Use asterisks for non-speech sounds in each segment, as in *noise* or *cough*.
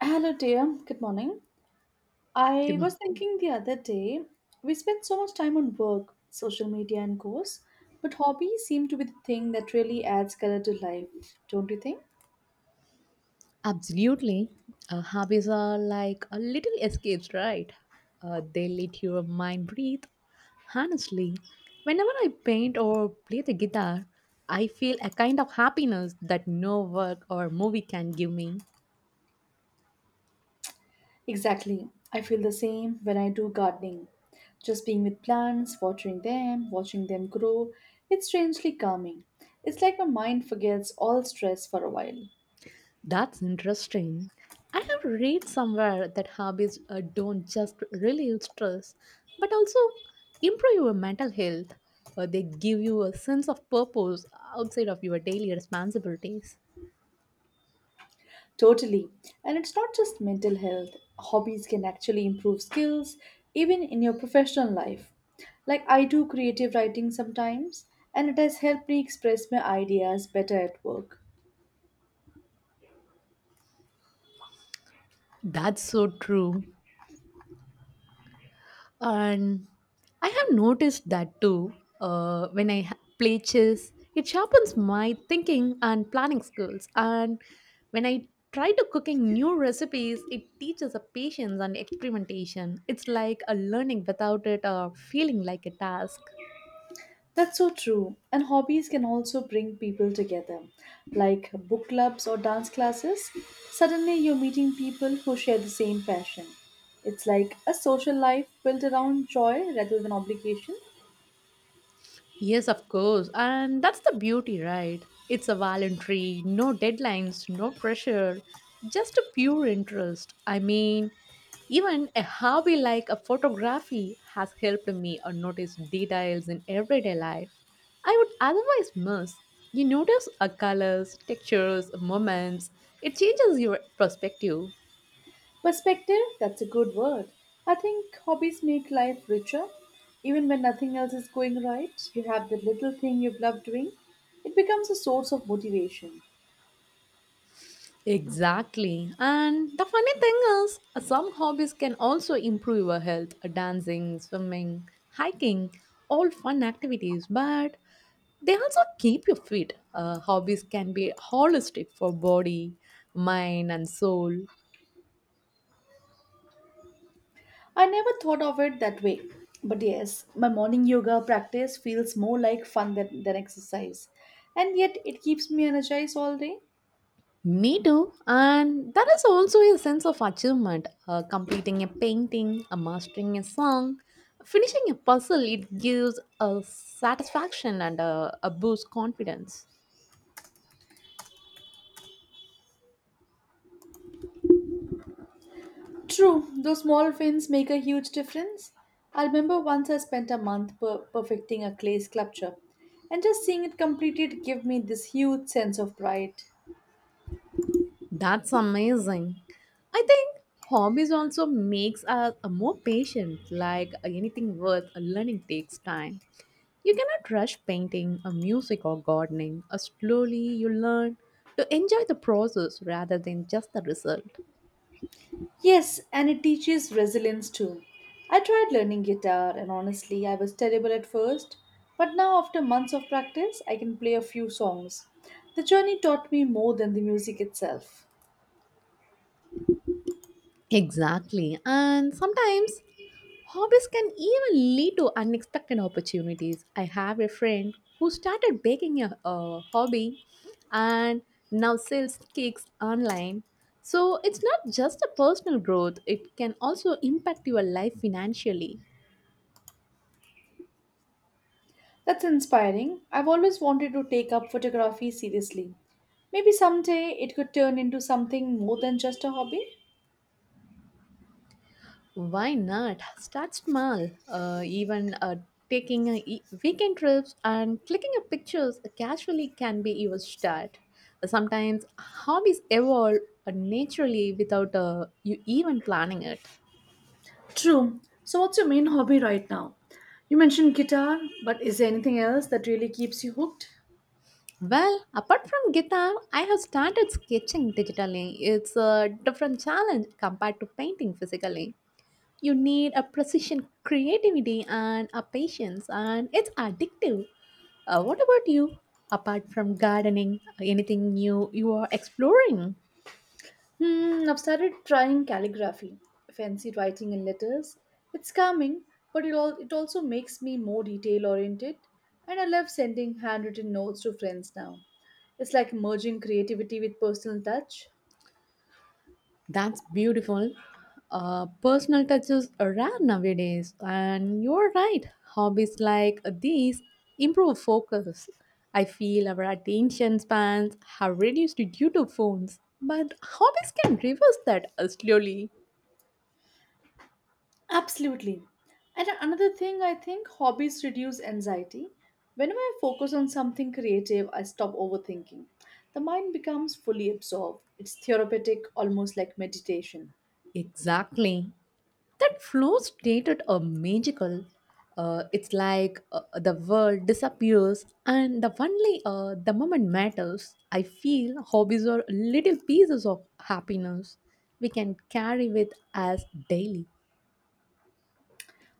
Hello, dear. Good morning. Good I was mo- thinking the other day, we spend so much time on work, social media, and course, but hobbies seem to be the thing that really adds color to life, don't you think? Absolutely. Hobbies are like a little escapes, right? They let your mind breathe. Honestly, whenever I paint or play the guitar, I feel a kind of happiness that no work or movie can give me. Exactly. I feel the same when I do gardening. Just being with plants, watering them, watching them grow, it's strangely calming. It's like my mind forgets all stress for a while. That's interesting. I have read somewhere that hobbies don't just relieve stress, but also improve your mental health. They give you a sense of purpose outside of your daily responsibilities. Totally. And it's not just mental health. Hobbies can actually improve skills, even in your professional life. Like, I do creative writing sometimes, and it has helped me express my ideas better at work. That's so true. And I have noticed that too. When play chess, it sharpens my thinking and planning skills. And when I try to cooking new recipes, it teaches a patience and experimentation. It's like a learning without it feeling like a task. That's so true. And hobbies can also bring people together, like book clubs or dance classes. Suddenly, you're meeting people who share the same passion. It's like a social life built around joy rather than obligation. Yes, of course. And that's the beauty, right? It's a voluntary, no deadlines, no pressure, just a pure interest. I mean, even a hobby like a photography has helped me notice details in everyday life I would otherwise miss. You notice a colors, textures, moments. It changes your perspective. Perspective, that's a good word. I think hobbies make life richer. Even when nothing else is going right, you have the little thing you've loved doing. It becomes a source of motivation. Exactly. And the funny thing is, some hobbies can also improve your health. Dancing, swimming, hiking, all fun activities, but they also keep you fit. Hobbies can be holistic for body, mind, and soul. I never thought of it that way. But yes, my morning yoga practice feels more like fun than exercise. And yet, it keeps me energized all day. Me too. And that is also a sense of achievement. Completing a painting, mastering a song, finishing a puzzle, it gives a satisfaction and a boost confidence. True, those small wins make a huge difference. I remember once I spent a month perfecting a clay sculpture, and just seeing it completed gave me this huge sense of pride. That's amazing. I think hobbies also makes us a more patient. Like anything worth learning takes time. You cannot rush painting, or music, or gardening. Or slowly you learn to enjoy the process rather than just the result. Yes, and it teaches resilience too. I tried learning guitar, and honestly, I was terrible at first, but now, after months of practice, I can play a few songs. The journey taught me more than the music itself. Exactly. And sometimes hobbies can even lead to unexpected opportunities. I have a friend who started baking a hobby and now sells cakes online. So it's not just a personal growth, it can also impact your life financially. That's inspiring. I've always wanted to take up photography seriously. Maybe someday it could turn into something more than just a hobby. Why not? Start small. Even taking a weekend trips and clicking up pictures casually can be your start. Sometimes hobbies evolve naturally without you even planning it. True. So, what's your main hobby right now? You mentioned guitar, but is there anything else that really keeps you hooked? Well, apart from guitar, I have started sketching digitally. It's a different challenge compared to painting physically. You need a precision creativity and a patience, and it's addictive. What about you? Apart from gardening, anything new you are exploring? Hmm, I've started trying calligraphy, fancy writing in letters. It's calming, but it also makes me more detail oriented, and I love sending handwritten notes to friends now. It's like merging creativity with personal touch. That's beautiful. Personal touches are rare nowadays, and you're right, hobbies like these improve focus. I feel our attention spans have reduced due to phones, but hobbies can reverse that, slowly. Absolutely. And another thing, I think hobbies reduce anxiety. Whenever I focus on something creative, I stop overthinking. The mind becomes fully absorbed. It's therapeutic, almost like meditation. Exactly. That flow state at a magical. It's like the world disappears, and the moment matters. I feel hobbies are little pieces of happiness we can carry with us daily.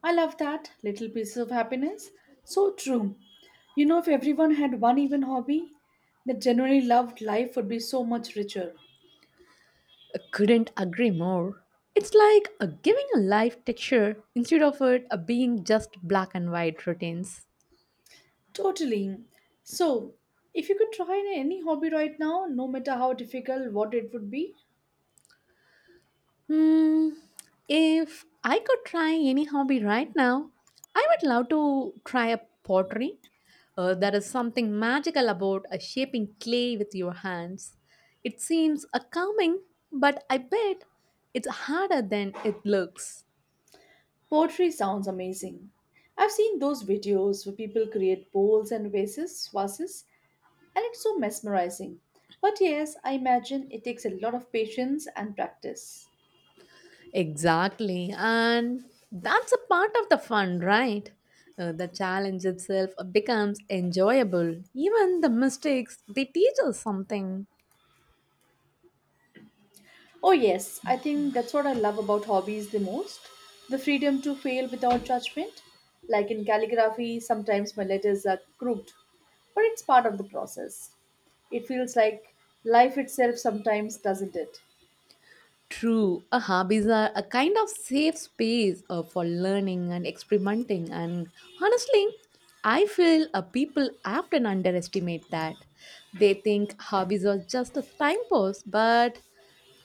I love that little pieces of happiness. So true. You know, if everyone had one even hobby that genuinely loved, life would be so much richer. I couldn't agree more. It's like giving a life texture instead of it being just black and white routines. Totally. So, if you could try any hobby right now, no matter how difficult, what it would be, Hmm, if I could try any hobby right now, I would love to try a pottery. There is something magical about shaping clay with your hands. It seems a calming, but I bet it's harder than it looks. Poetry sounds amazing. I've seen those videos where people create bowls and vases, and it's so mesmerizing. But yes, I imagine it takes a lot of patience and practice. Exactly, and that's a part of the fun, right? The challenge itself becomes enjoyable. Even the mistakes, they teach us something. Oh, yes, I think that's what I love about hobbies the most the freedom to fail without judgment. Like in calligraphy, sometimes my letters are crooked, but it's part of the process. It feels like life itself sometimes, doesn't it? True, hobbies are a kind of safe space for learning and experimenting, and honestly, I feel people often underestimate that. They think hobbies are just a time pass, but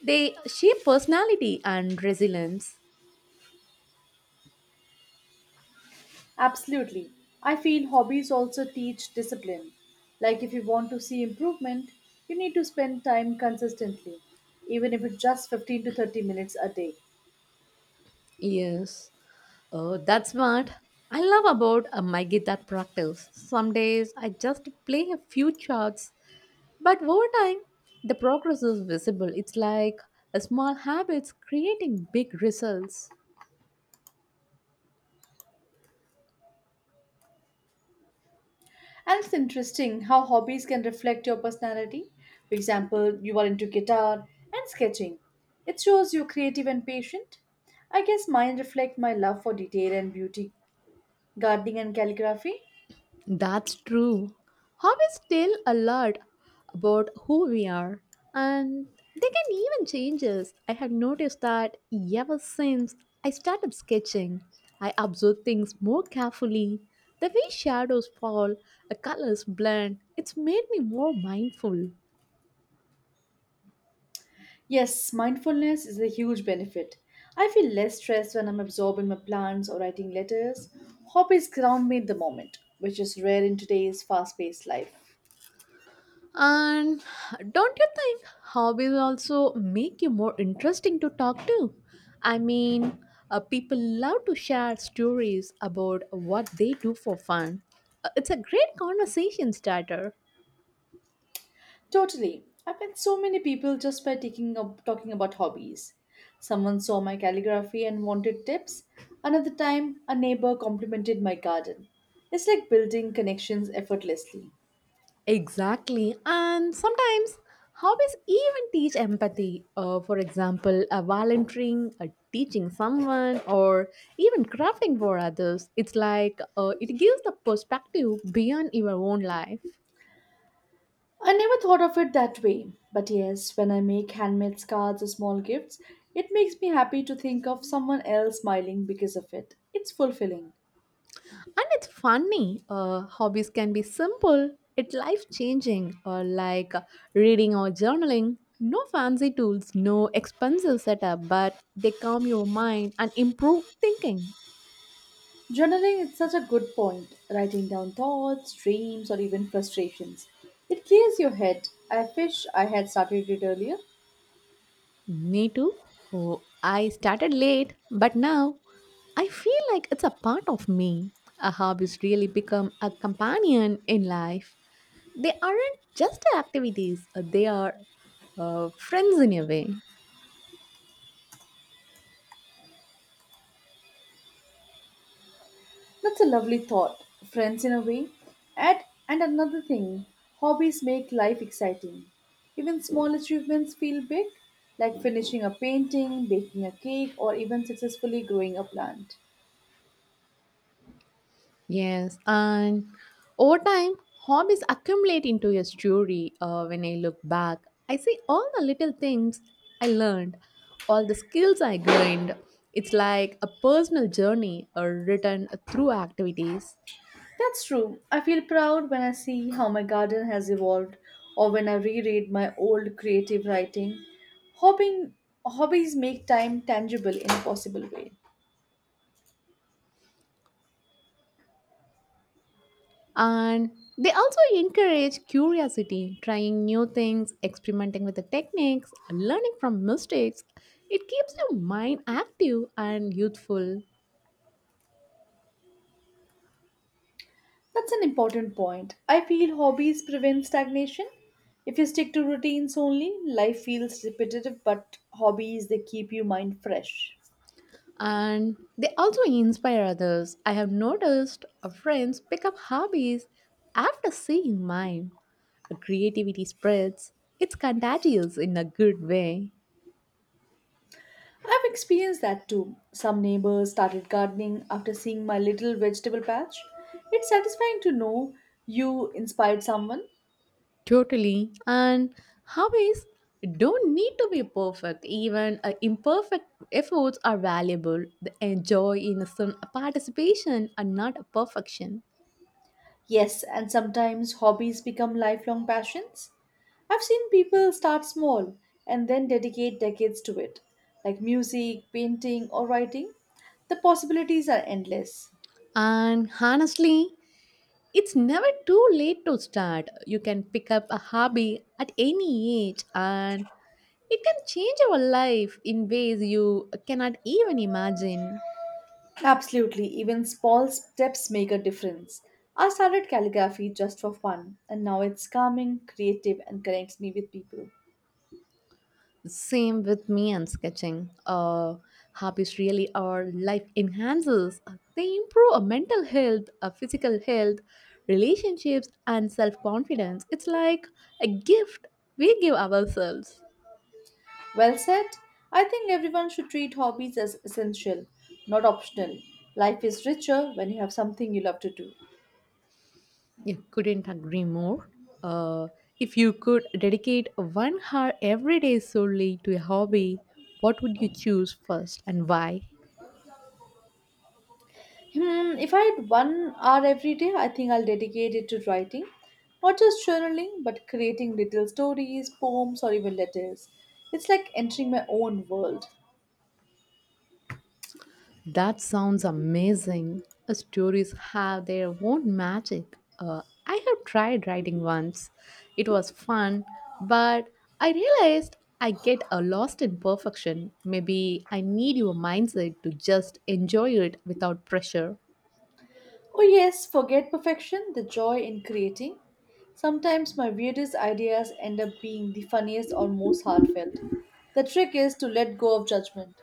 they shape personality and resilience. Absolutely. I feel hobbies also teach discipline. Like if you want to see improvement, you need to spend time consistently, even if it's just 15 to 30 minutes a day. Yes, oh, that's what I love about my guitar practice. Some days I just play a few chords. But over time, the progress is visible. It's like a small habits creating big results. And it's interesting how hobbies can reflect your personality. For example, you are into guitar and sketching. It shows you're creative and patient. I guess mine reflect my love for detail and beauty, gardening and calligraphy. That's true. Hobbies tell a lot about who we are, and they can even change us. I have noticed that ever since I started sketching, I observe things more carefully. The way shadows fall, the colors blend, it's made me more mindful. Yes, mindfulness is a huge benefit. I feel less stressed when I'm absorbed in my plans or writing letters. Hobbies ground me in the moment, which is rare in today's fast paced life. And don't you think hobbies also make you more interesting to talk to? I mean, people love to share stories about what they do for fun. It's a great conversation starter. Totally. I've met so many people just by talking about hobbies. Someone saw my calligraphy and wanted tips. Another time, a neighbor complimented my garden. It's like building connections effortlessly. Exactly. And sometimes hobbies even teach empathy. For example, volunteering, teaching someone, or even crafting for others. It's like it gives the perspective beyond your own life. I never thought of it that way, but yes, when I make handmade scarves or small gifts, it makes me happy to think of someone else smiling because of it. It's fulfilling. And it's funny, hobbies can be simple, it's life changing, or like reading or journaling. No fancy tools, no expensive setup, but they calm your mind and improve thinking. Journaling is such a good point, writing down thoughts, dreams, or even frustrations. It clears your head. I wish I had started it earlier. Me too. Oh, I started late, but now I feel like it's a part of me. A hobbies really become a companion in life. They aren't just activities, they are friends in a way. That's a lovely thought. Friends, in a way. At, and another thing, hobbies make life exciting. Even small achievements feel big, like finishing a painting, baking a cake, or even successfully growing a plant. Yes, and over time, hobbies accumulate into a story. When I look back, I see all the little things I learned, all the skills I gained. It's like a personal journey written through activities. That's true. I feel proud when I see how my garden has evolved or when I reread my old creative writing. Hobbing, hobbies make time tangible in a possible way. And they also encourage curiosity, trying new things, experimenting with the techniques, learning from mistakes. It keeps your mind active and youthful. That's an important point. I feel hobbies prevent stagnation. If you stick to routines only, life feels repetitive, but hobbies they keep your mind fresh. And they also inspire others. I have noticed our friends pick up hobbies after seeing mine. Creativity spreads, it's contagious in a good way. I've experienced that too. Some neighbors started gardening after seeing my little vegetable patch. It's satisfying to know you inspired someone. Totally. And hobbies don't need to be perfect, even imperfect efforts are valuable. The joy in some participation and not a perfection. Yes, and sometimes hobbies become lifelong passions. I've seen people start small and then dedicate decades to it, like music, painting, or writing. The possibilities are endless. And honestly, it's never too late to start. You can pick up a hobby at any age, and it can change your life in ways you cannot even imagine. Absolutely, even small steps make a difference. I started calligraphy just for fun, and now it's calming, creative, and connects me with people. Same with me and sketching. Hobbies really are life enhancers. They improve our mental health, our physical health, relationships, and self confidence. It's like a gift we give ourselves. Well said. I think everyone should treat hobbies as essential, not optional. Life is richer when you have something you love to do. Yeah, couldn't agree more. Uh, if you could dedicate 1 hour every day solely to a hobby, what would you choose first and why? Hmm, if I had one hour every day, I think I'll dedicate it to writing. Not just journaling, but creating little stories, poems, or even letters. It's like entering my own world. That sounds amazing. Stories have their own magic. I have tried writing once. It was fun, but I realized I get lost in perfection. Maybe I need your mindset to just enjoy it without pressure. Oh, yes, forget perfection, the joy in creating. Sometimes my weirdest ideas end up being the funniest or most heartfelt. The trick is to let go of judgment.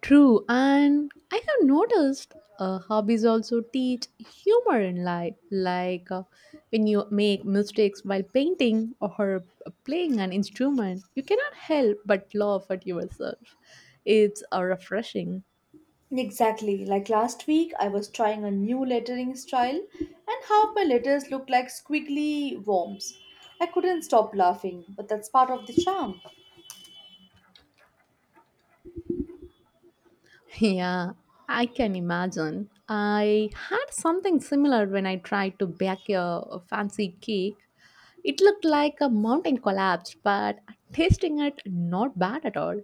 True, and I have noticed hobbies also teach humor in life, like when you make mistakes while painting or playing an instrument, you cannot help but laugh at yourself. It's refreshing. Exactly. Like last week, I was trying a new lettering style, and half my letters looked like squiggly worms. I couldn't stop laughing, but that's part of the charm. *laughs* Yeah, I can imagine. I had something similar when I tried to bake a fancy cake. It looked like a mountain collapsed, but tasting it, not bad at all.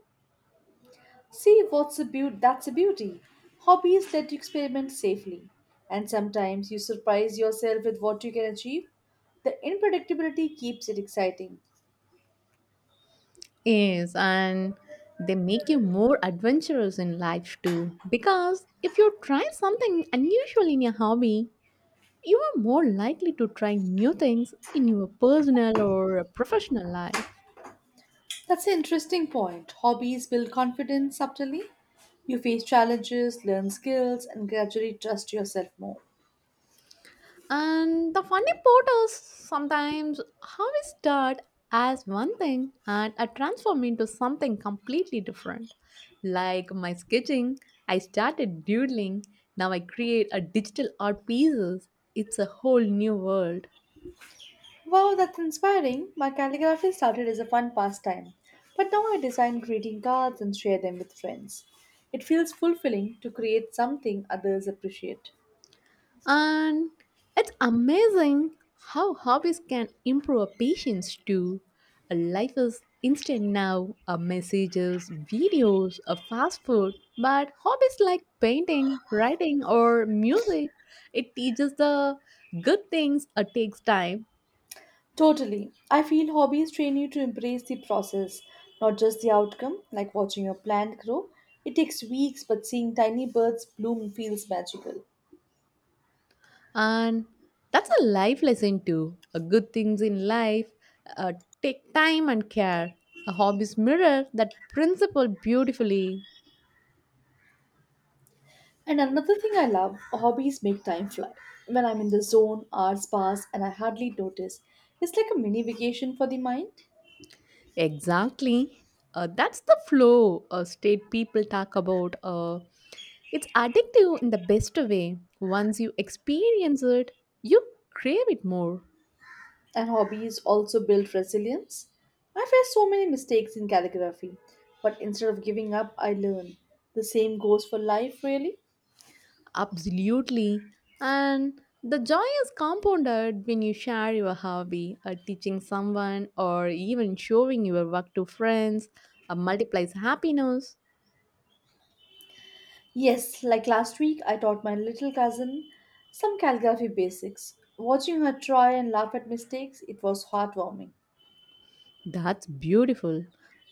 See, what's a beauty? That's a beauty. Hobbies let you experiment safely, and sometimes you surprise yourself with what you can achieve. The unpredictability keeps it exciting. Yes, and they make you more adventurous in life too. Because if you try something unusual in your hobby, you are more likely to try new things in your personal or professional life. That's an interesting point. Hobbies build confidence subtly. You face challenges, learn skills, and gradually trust yourself more. And the funny part is sometimes how we start as one thing and I transform into something completely different. Like my sketching, I started doodling, now I create a digital art pieces. It's a whole new world. Wow, that's inspiring. My calligraphy started as a fun pastime, but now I design greeting cards and share them with friends. It feels fulfilling to create something others appreciate. And it's amazing how hobbies can improve our patience too. A life is instant now, a messages, videos, a fast food, but hobbies like painting, writing or music, it teaches the good things it takes time. Totally. I feel hobbies train you to embrace the process, not just the outcome, like watching your plant grow. It takes weeks, but seeing tiny birds bloom feels magical. And that's a life lesson too. A good things in life uh, take time and care. A hobbies mirror that principle beautifully. And another thing I love, hobbies make time fly. When I'm in the zone, hours pass and I hardly notice. It's like a mini vacation for the mind. Exactly. That's the flow state people talk about. It's addictive in the best way. Once you experience it, you crave it more. And hobbies also build resilience. I face so many mistakes in calligraphy, but instead of giving up, I learn. The same goes for life, really. Absolutely. And the joy is compounded when you share your hobby, teaching someone, or even showing your work to friends, multiplies happiness. Yes, like last week, I taught my little cousin some calligraphy basics. Watching her try and laugh at mistakes, it was heartwarming. That's beautiful.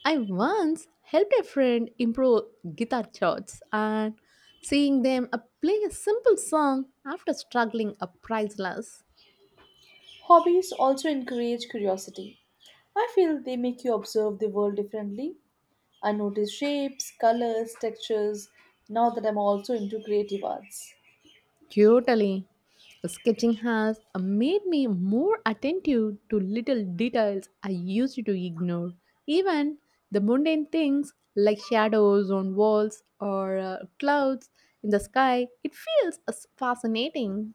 I once helped a friend improve guitar chords, and seeing them play a simple song after struggling a priceless. Hobbies also encourage curiosity. I feel they make you observe the world differently. I notice shapes, colors, textures, now that I'm also into creative arts. Totally. Sketching has made me more attentive to little details I used to ignore. Even the mundane things like shadows on walls or clouds in the sky, it feels fascinating.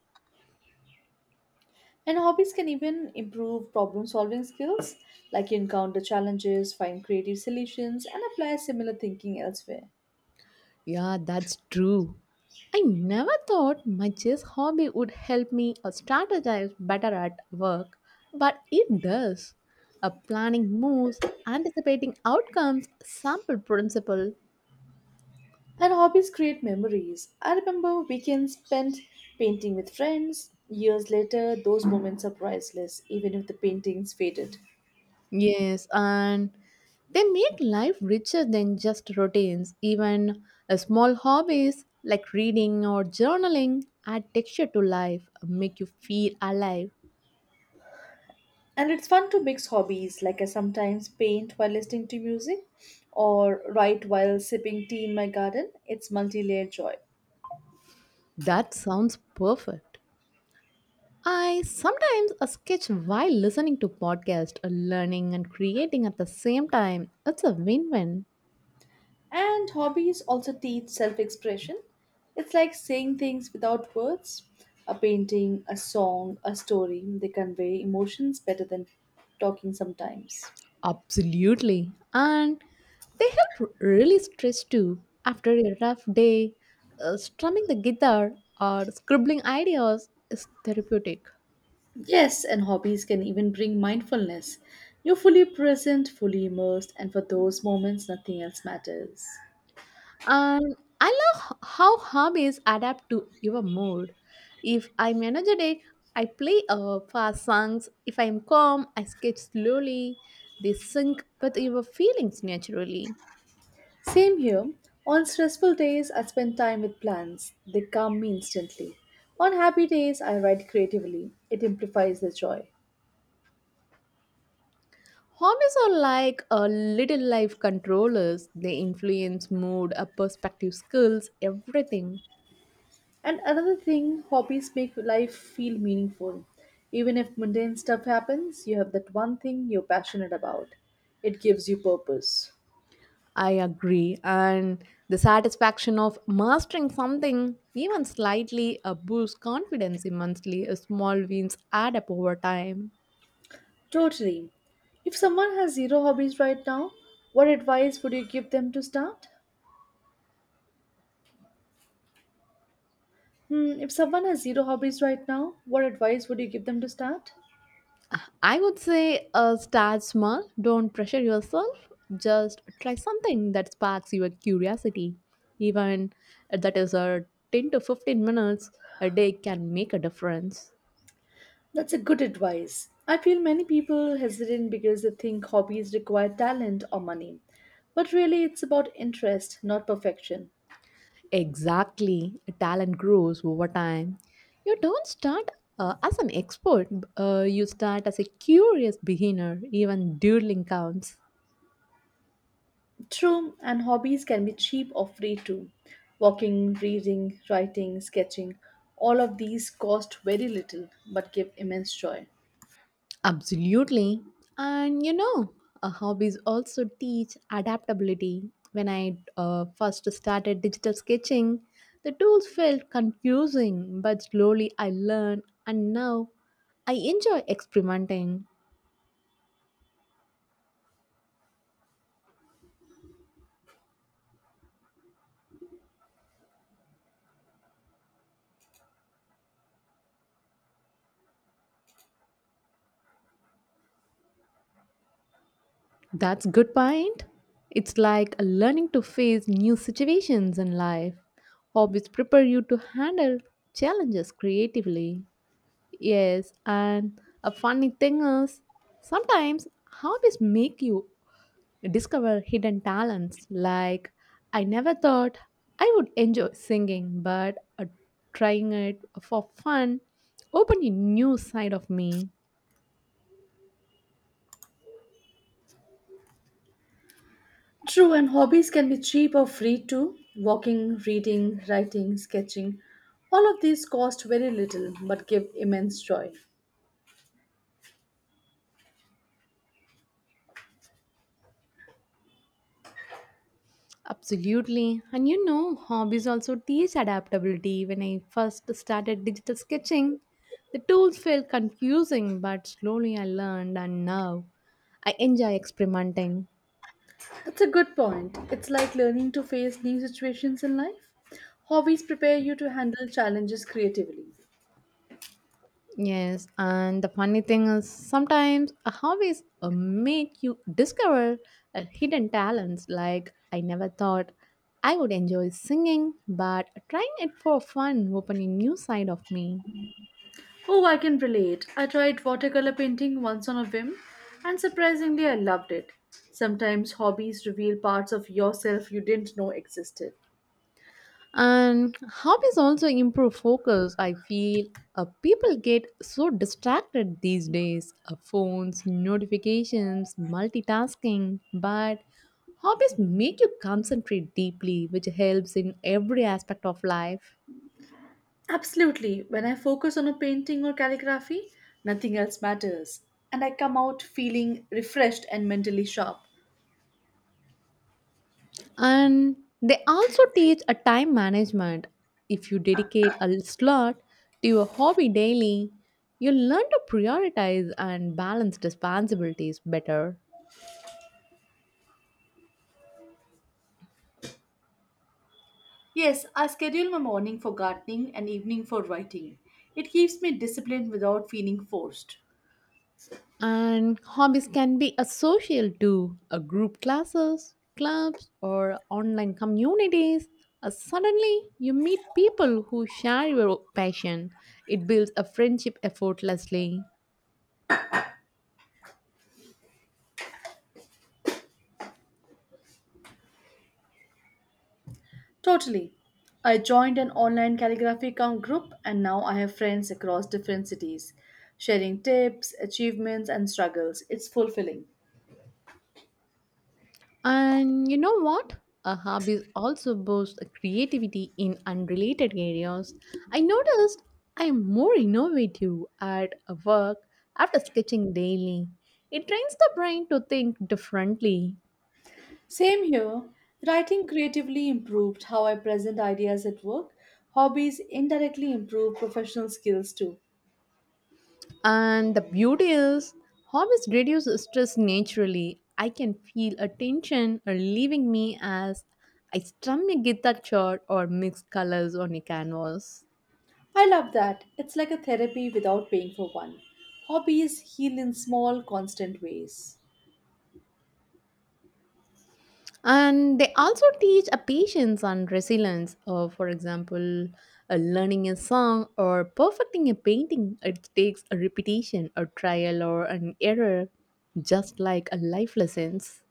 And hobbies can even improve problem solving skills, like you encounter challenges, find creative solutions, and apply similar thinking elsewhere. Yeah, that's true. I never thought my chess hobby would help me strategize better at work, but it does. A planning moves, anticipating outcomes, sample principle. And hobbies create memories. I remember weekends spent painting with friends. Years later, those moments are priceless, even if the paintings faded. Yes, and they make life richer than just routines. Even small hobbies like reading or journaling add texture to life, make you feel alive. And it's fun to mix hobbies, like I sometimes paint while listening to music or write while sipping tea in my garden. It's multi layered joy. That sounds perfect. I sometimes sketch while listening to podcast, learning and creating at the same time. It's a win-win. And hobbies also teach self expression. It's like saying things without words. A painting, a song, a story, they convey emotions better than talking sometimes. Absolutely. And they help really stress too after a rough day. Strumming the guitar or scribbling ideas is therapeutic. Yes, and hobbies can even bring mindfulness. You're fully present, fully immersed, and for those moments, nothing else matters. And I love how hobbies adapt to your mood. If I'm energetic, I play fast songs. If I'm calm, I sketch slowly. They sync with your feelings naturally. Same here. On stressful days, I spend time with plants. They calm me instantly. On happy days, I write creatively. It amplifies the joy. Hobbies are like a little life controllers. They influence mood, perspective, skills, everything. And another thing, hobbies make life feel meaningful. Even if mundane stuff happens, you have that one thing you're passionate about. It gives you purpose. I agree. And the satisfaction of mastering something, even slightly, boosts confidence immensely. Small wins add up over time. Totally. If someone has zero hobbies right now, what advice would you give them to start? Hmm, if someone has zero hobbies right now, what advice would you give them to start? I would say start small, don't pressure yourself, just try something that sparks your curiosity. Even that is a 10 to 15 minutes a day can make a difference. That's a good advice. I feel many people hesitate because they think hobbies require talent or money. But really, it's about interest, not perfection. Exactly. Talent grows over time. You don't start as an expert, you start as a curious beginner. Even doodling counts. True, and hobbies can be cheap or free too. Walking, reading, writing, sketching, all of these cost very little but give immense joy. Absolutely. And you know, hobbies also teach adaptability. When I first started digital sketching, the tools felt confusing, but slowly I learned, and now I enjoy experimenting. That's good point. It's like learning to face new situations in life. Hobbies prepare you to handle challenges creatively. Yes, and a funny thing is sometimes hobbies make you discover hidden talents, like I never thought I would enjoy singing, but trying it for fun opened a new side of me. True, and hobbies can be cheap or free too. Walking, reading, writing, sketching, all of these cost very little but give immense joy. Absolutely. And you know, hobbies also teach adaptability. When I first started digital sketching, the tools felt confusing, but slowly I learned, and now I enjoy experimenting. That's a good point. It's like learning to face new situations in life. Hobbies prepare you to handle challenges creatively. Yes, and the funny thing is sometimes a hobbies make you discover hidden talents. Like I never thought I would enjoy singing, but trying it for fun opened a new side of me. Oh, I can relate. I tried watercolor painting once on a whim, and surprisingly, I loved it. Sometimes hobbies reveal parts of yourself you didn't know existed. And hobbies also improve focus. I feel people get so distracted these days, phones, notifications, multitasking. But hobbies make you concentrate deeply, which helps in every aspect of life. Absolutely, when I focus on a painting or calligraphy, nothing else matters, and I come out feeling refreshed and mentally sharp. And they also teach a time management. If you dedicate a slot to your hobby daily, you learn to prioritize and balance responsibilities better. Yes, I schedule my morning for gardening and evening for writing. It keeps me disciplined without feeling forced. And hobbies can be associal to a group classes, clubs, or online communities. Suddenly, you meet people who share your passion. It builds a friendship effortlessly. Totally. I joined an online calligraphy com group and now I have friends across different cities, sharing tips, achievements, and struggles. It's fulfilling. And you know what? A hobby also boosts creativity in unrelated areas. I noticed I am more innovative at work after sketching daily. It trains the brain to think differently. Same here. Writing creatively improved how I present ideas at work. Hobbies indirectly improve professional skills too. And the beauty is, hobbies reduce stress naturally. I can feel a tension or leaving me as I strum a guitar chord or mix colors on a canvas. I love that. It's like a therapy without paying for one. Hobbies heal in small, constant ways. And they also teach a patience and resilience. For example, learning a song or perfecting a painting, it takes a repetition, a trial, or an error, just like a life lessons.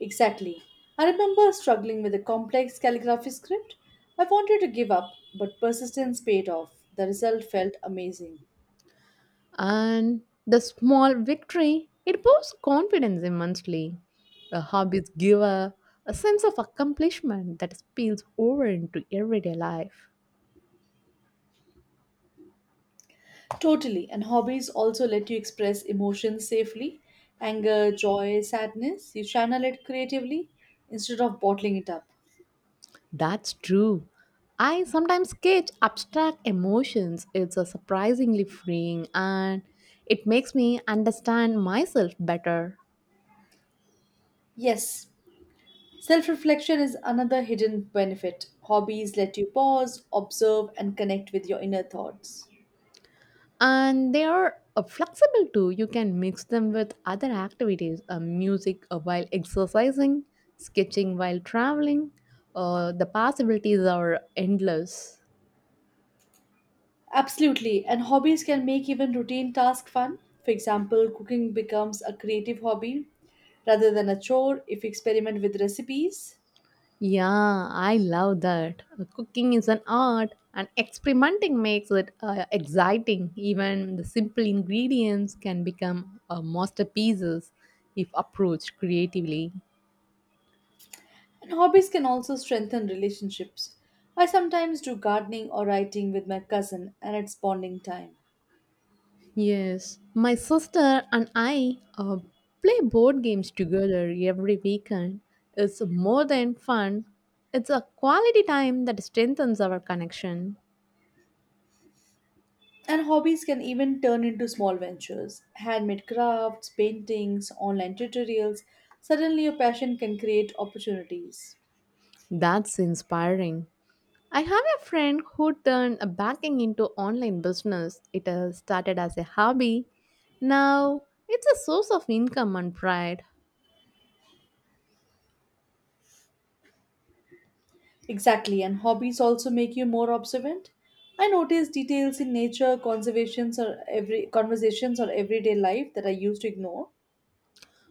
Exactly. I remember struggling with a complex calligraphy script. I wanted to give up, but persistence paid off. The result felt amazing. And the small victory, it boosts confidence immensely. A hobbies give a sense of accomplishment that spills over into everyday life. Totally, and hobbies also let you express emotions safely anger, joy, sadness. You channel it creatively instead of bottling it up. That's true. I sometimes sketch abstract emotions. It's a surprisingly freeing, and it makes me understand myself better. Yes, self reflection is another hidden benefit. Hobbies let you pause, observe, and connect with your inner thoughts. And they are flexible too. You can mix them with other activities, music while exercising, sketching while traveling. The possibilities are endless. Absolutely, and hobbies can make even routine tasks fun. For example, cooking becomes a creative hobby rather than a chore if you experiment with recipes. Yeah, I love that. Cooking is an art, and experimenting makes it exciting. Even the simple ingredients can become masterpieces if approached creatively. And hobbies can also strengthen relationships. I sometimes do gardening or writing with my cousin, and it's bonding time. Yes, my sister and I play board games together every weekend. It's more than fun, it's a quality time that strengthens our connection. And hobbies can even turn into small ventures handmade crafts, paintings, online tutorials. Suddenly, your passion can create opportunities. That's inspiring. I have a friend who turned a banking into online business. It started as a hobby. Now it's a source of income and pride. Exactly, and hobbies also make you more observant. I notice details in nature, conservations, or every conversations or everyday life that I used to ignore.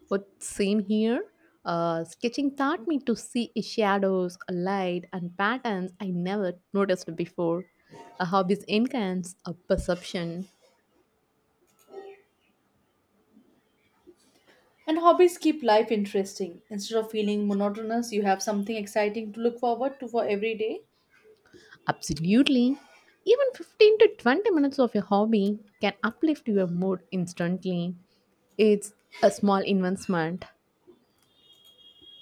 What, same here? Sketching taught me to see shadows, light, and patterns I never noticed before. A hobby enhances a perception. And hobbies keep life interesting. Instead of feeling monotonous, you have something exciting to look forward to for every day. Absolutely. Even 15 to 20 minutes of a hobby can uplift your mood instantly. It's a small investment.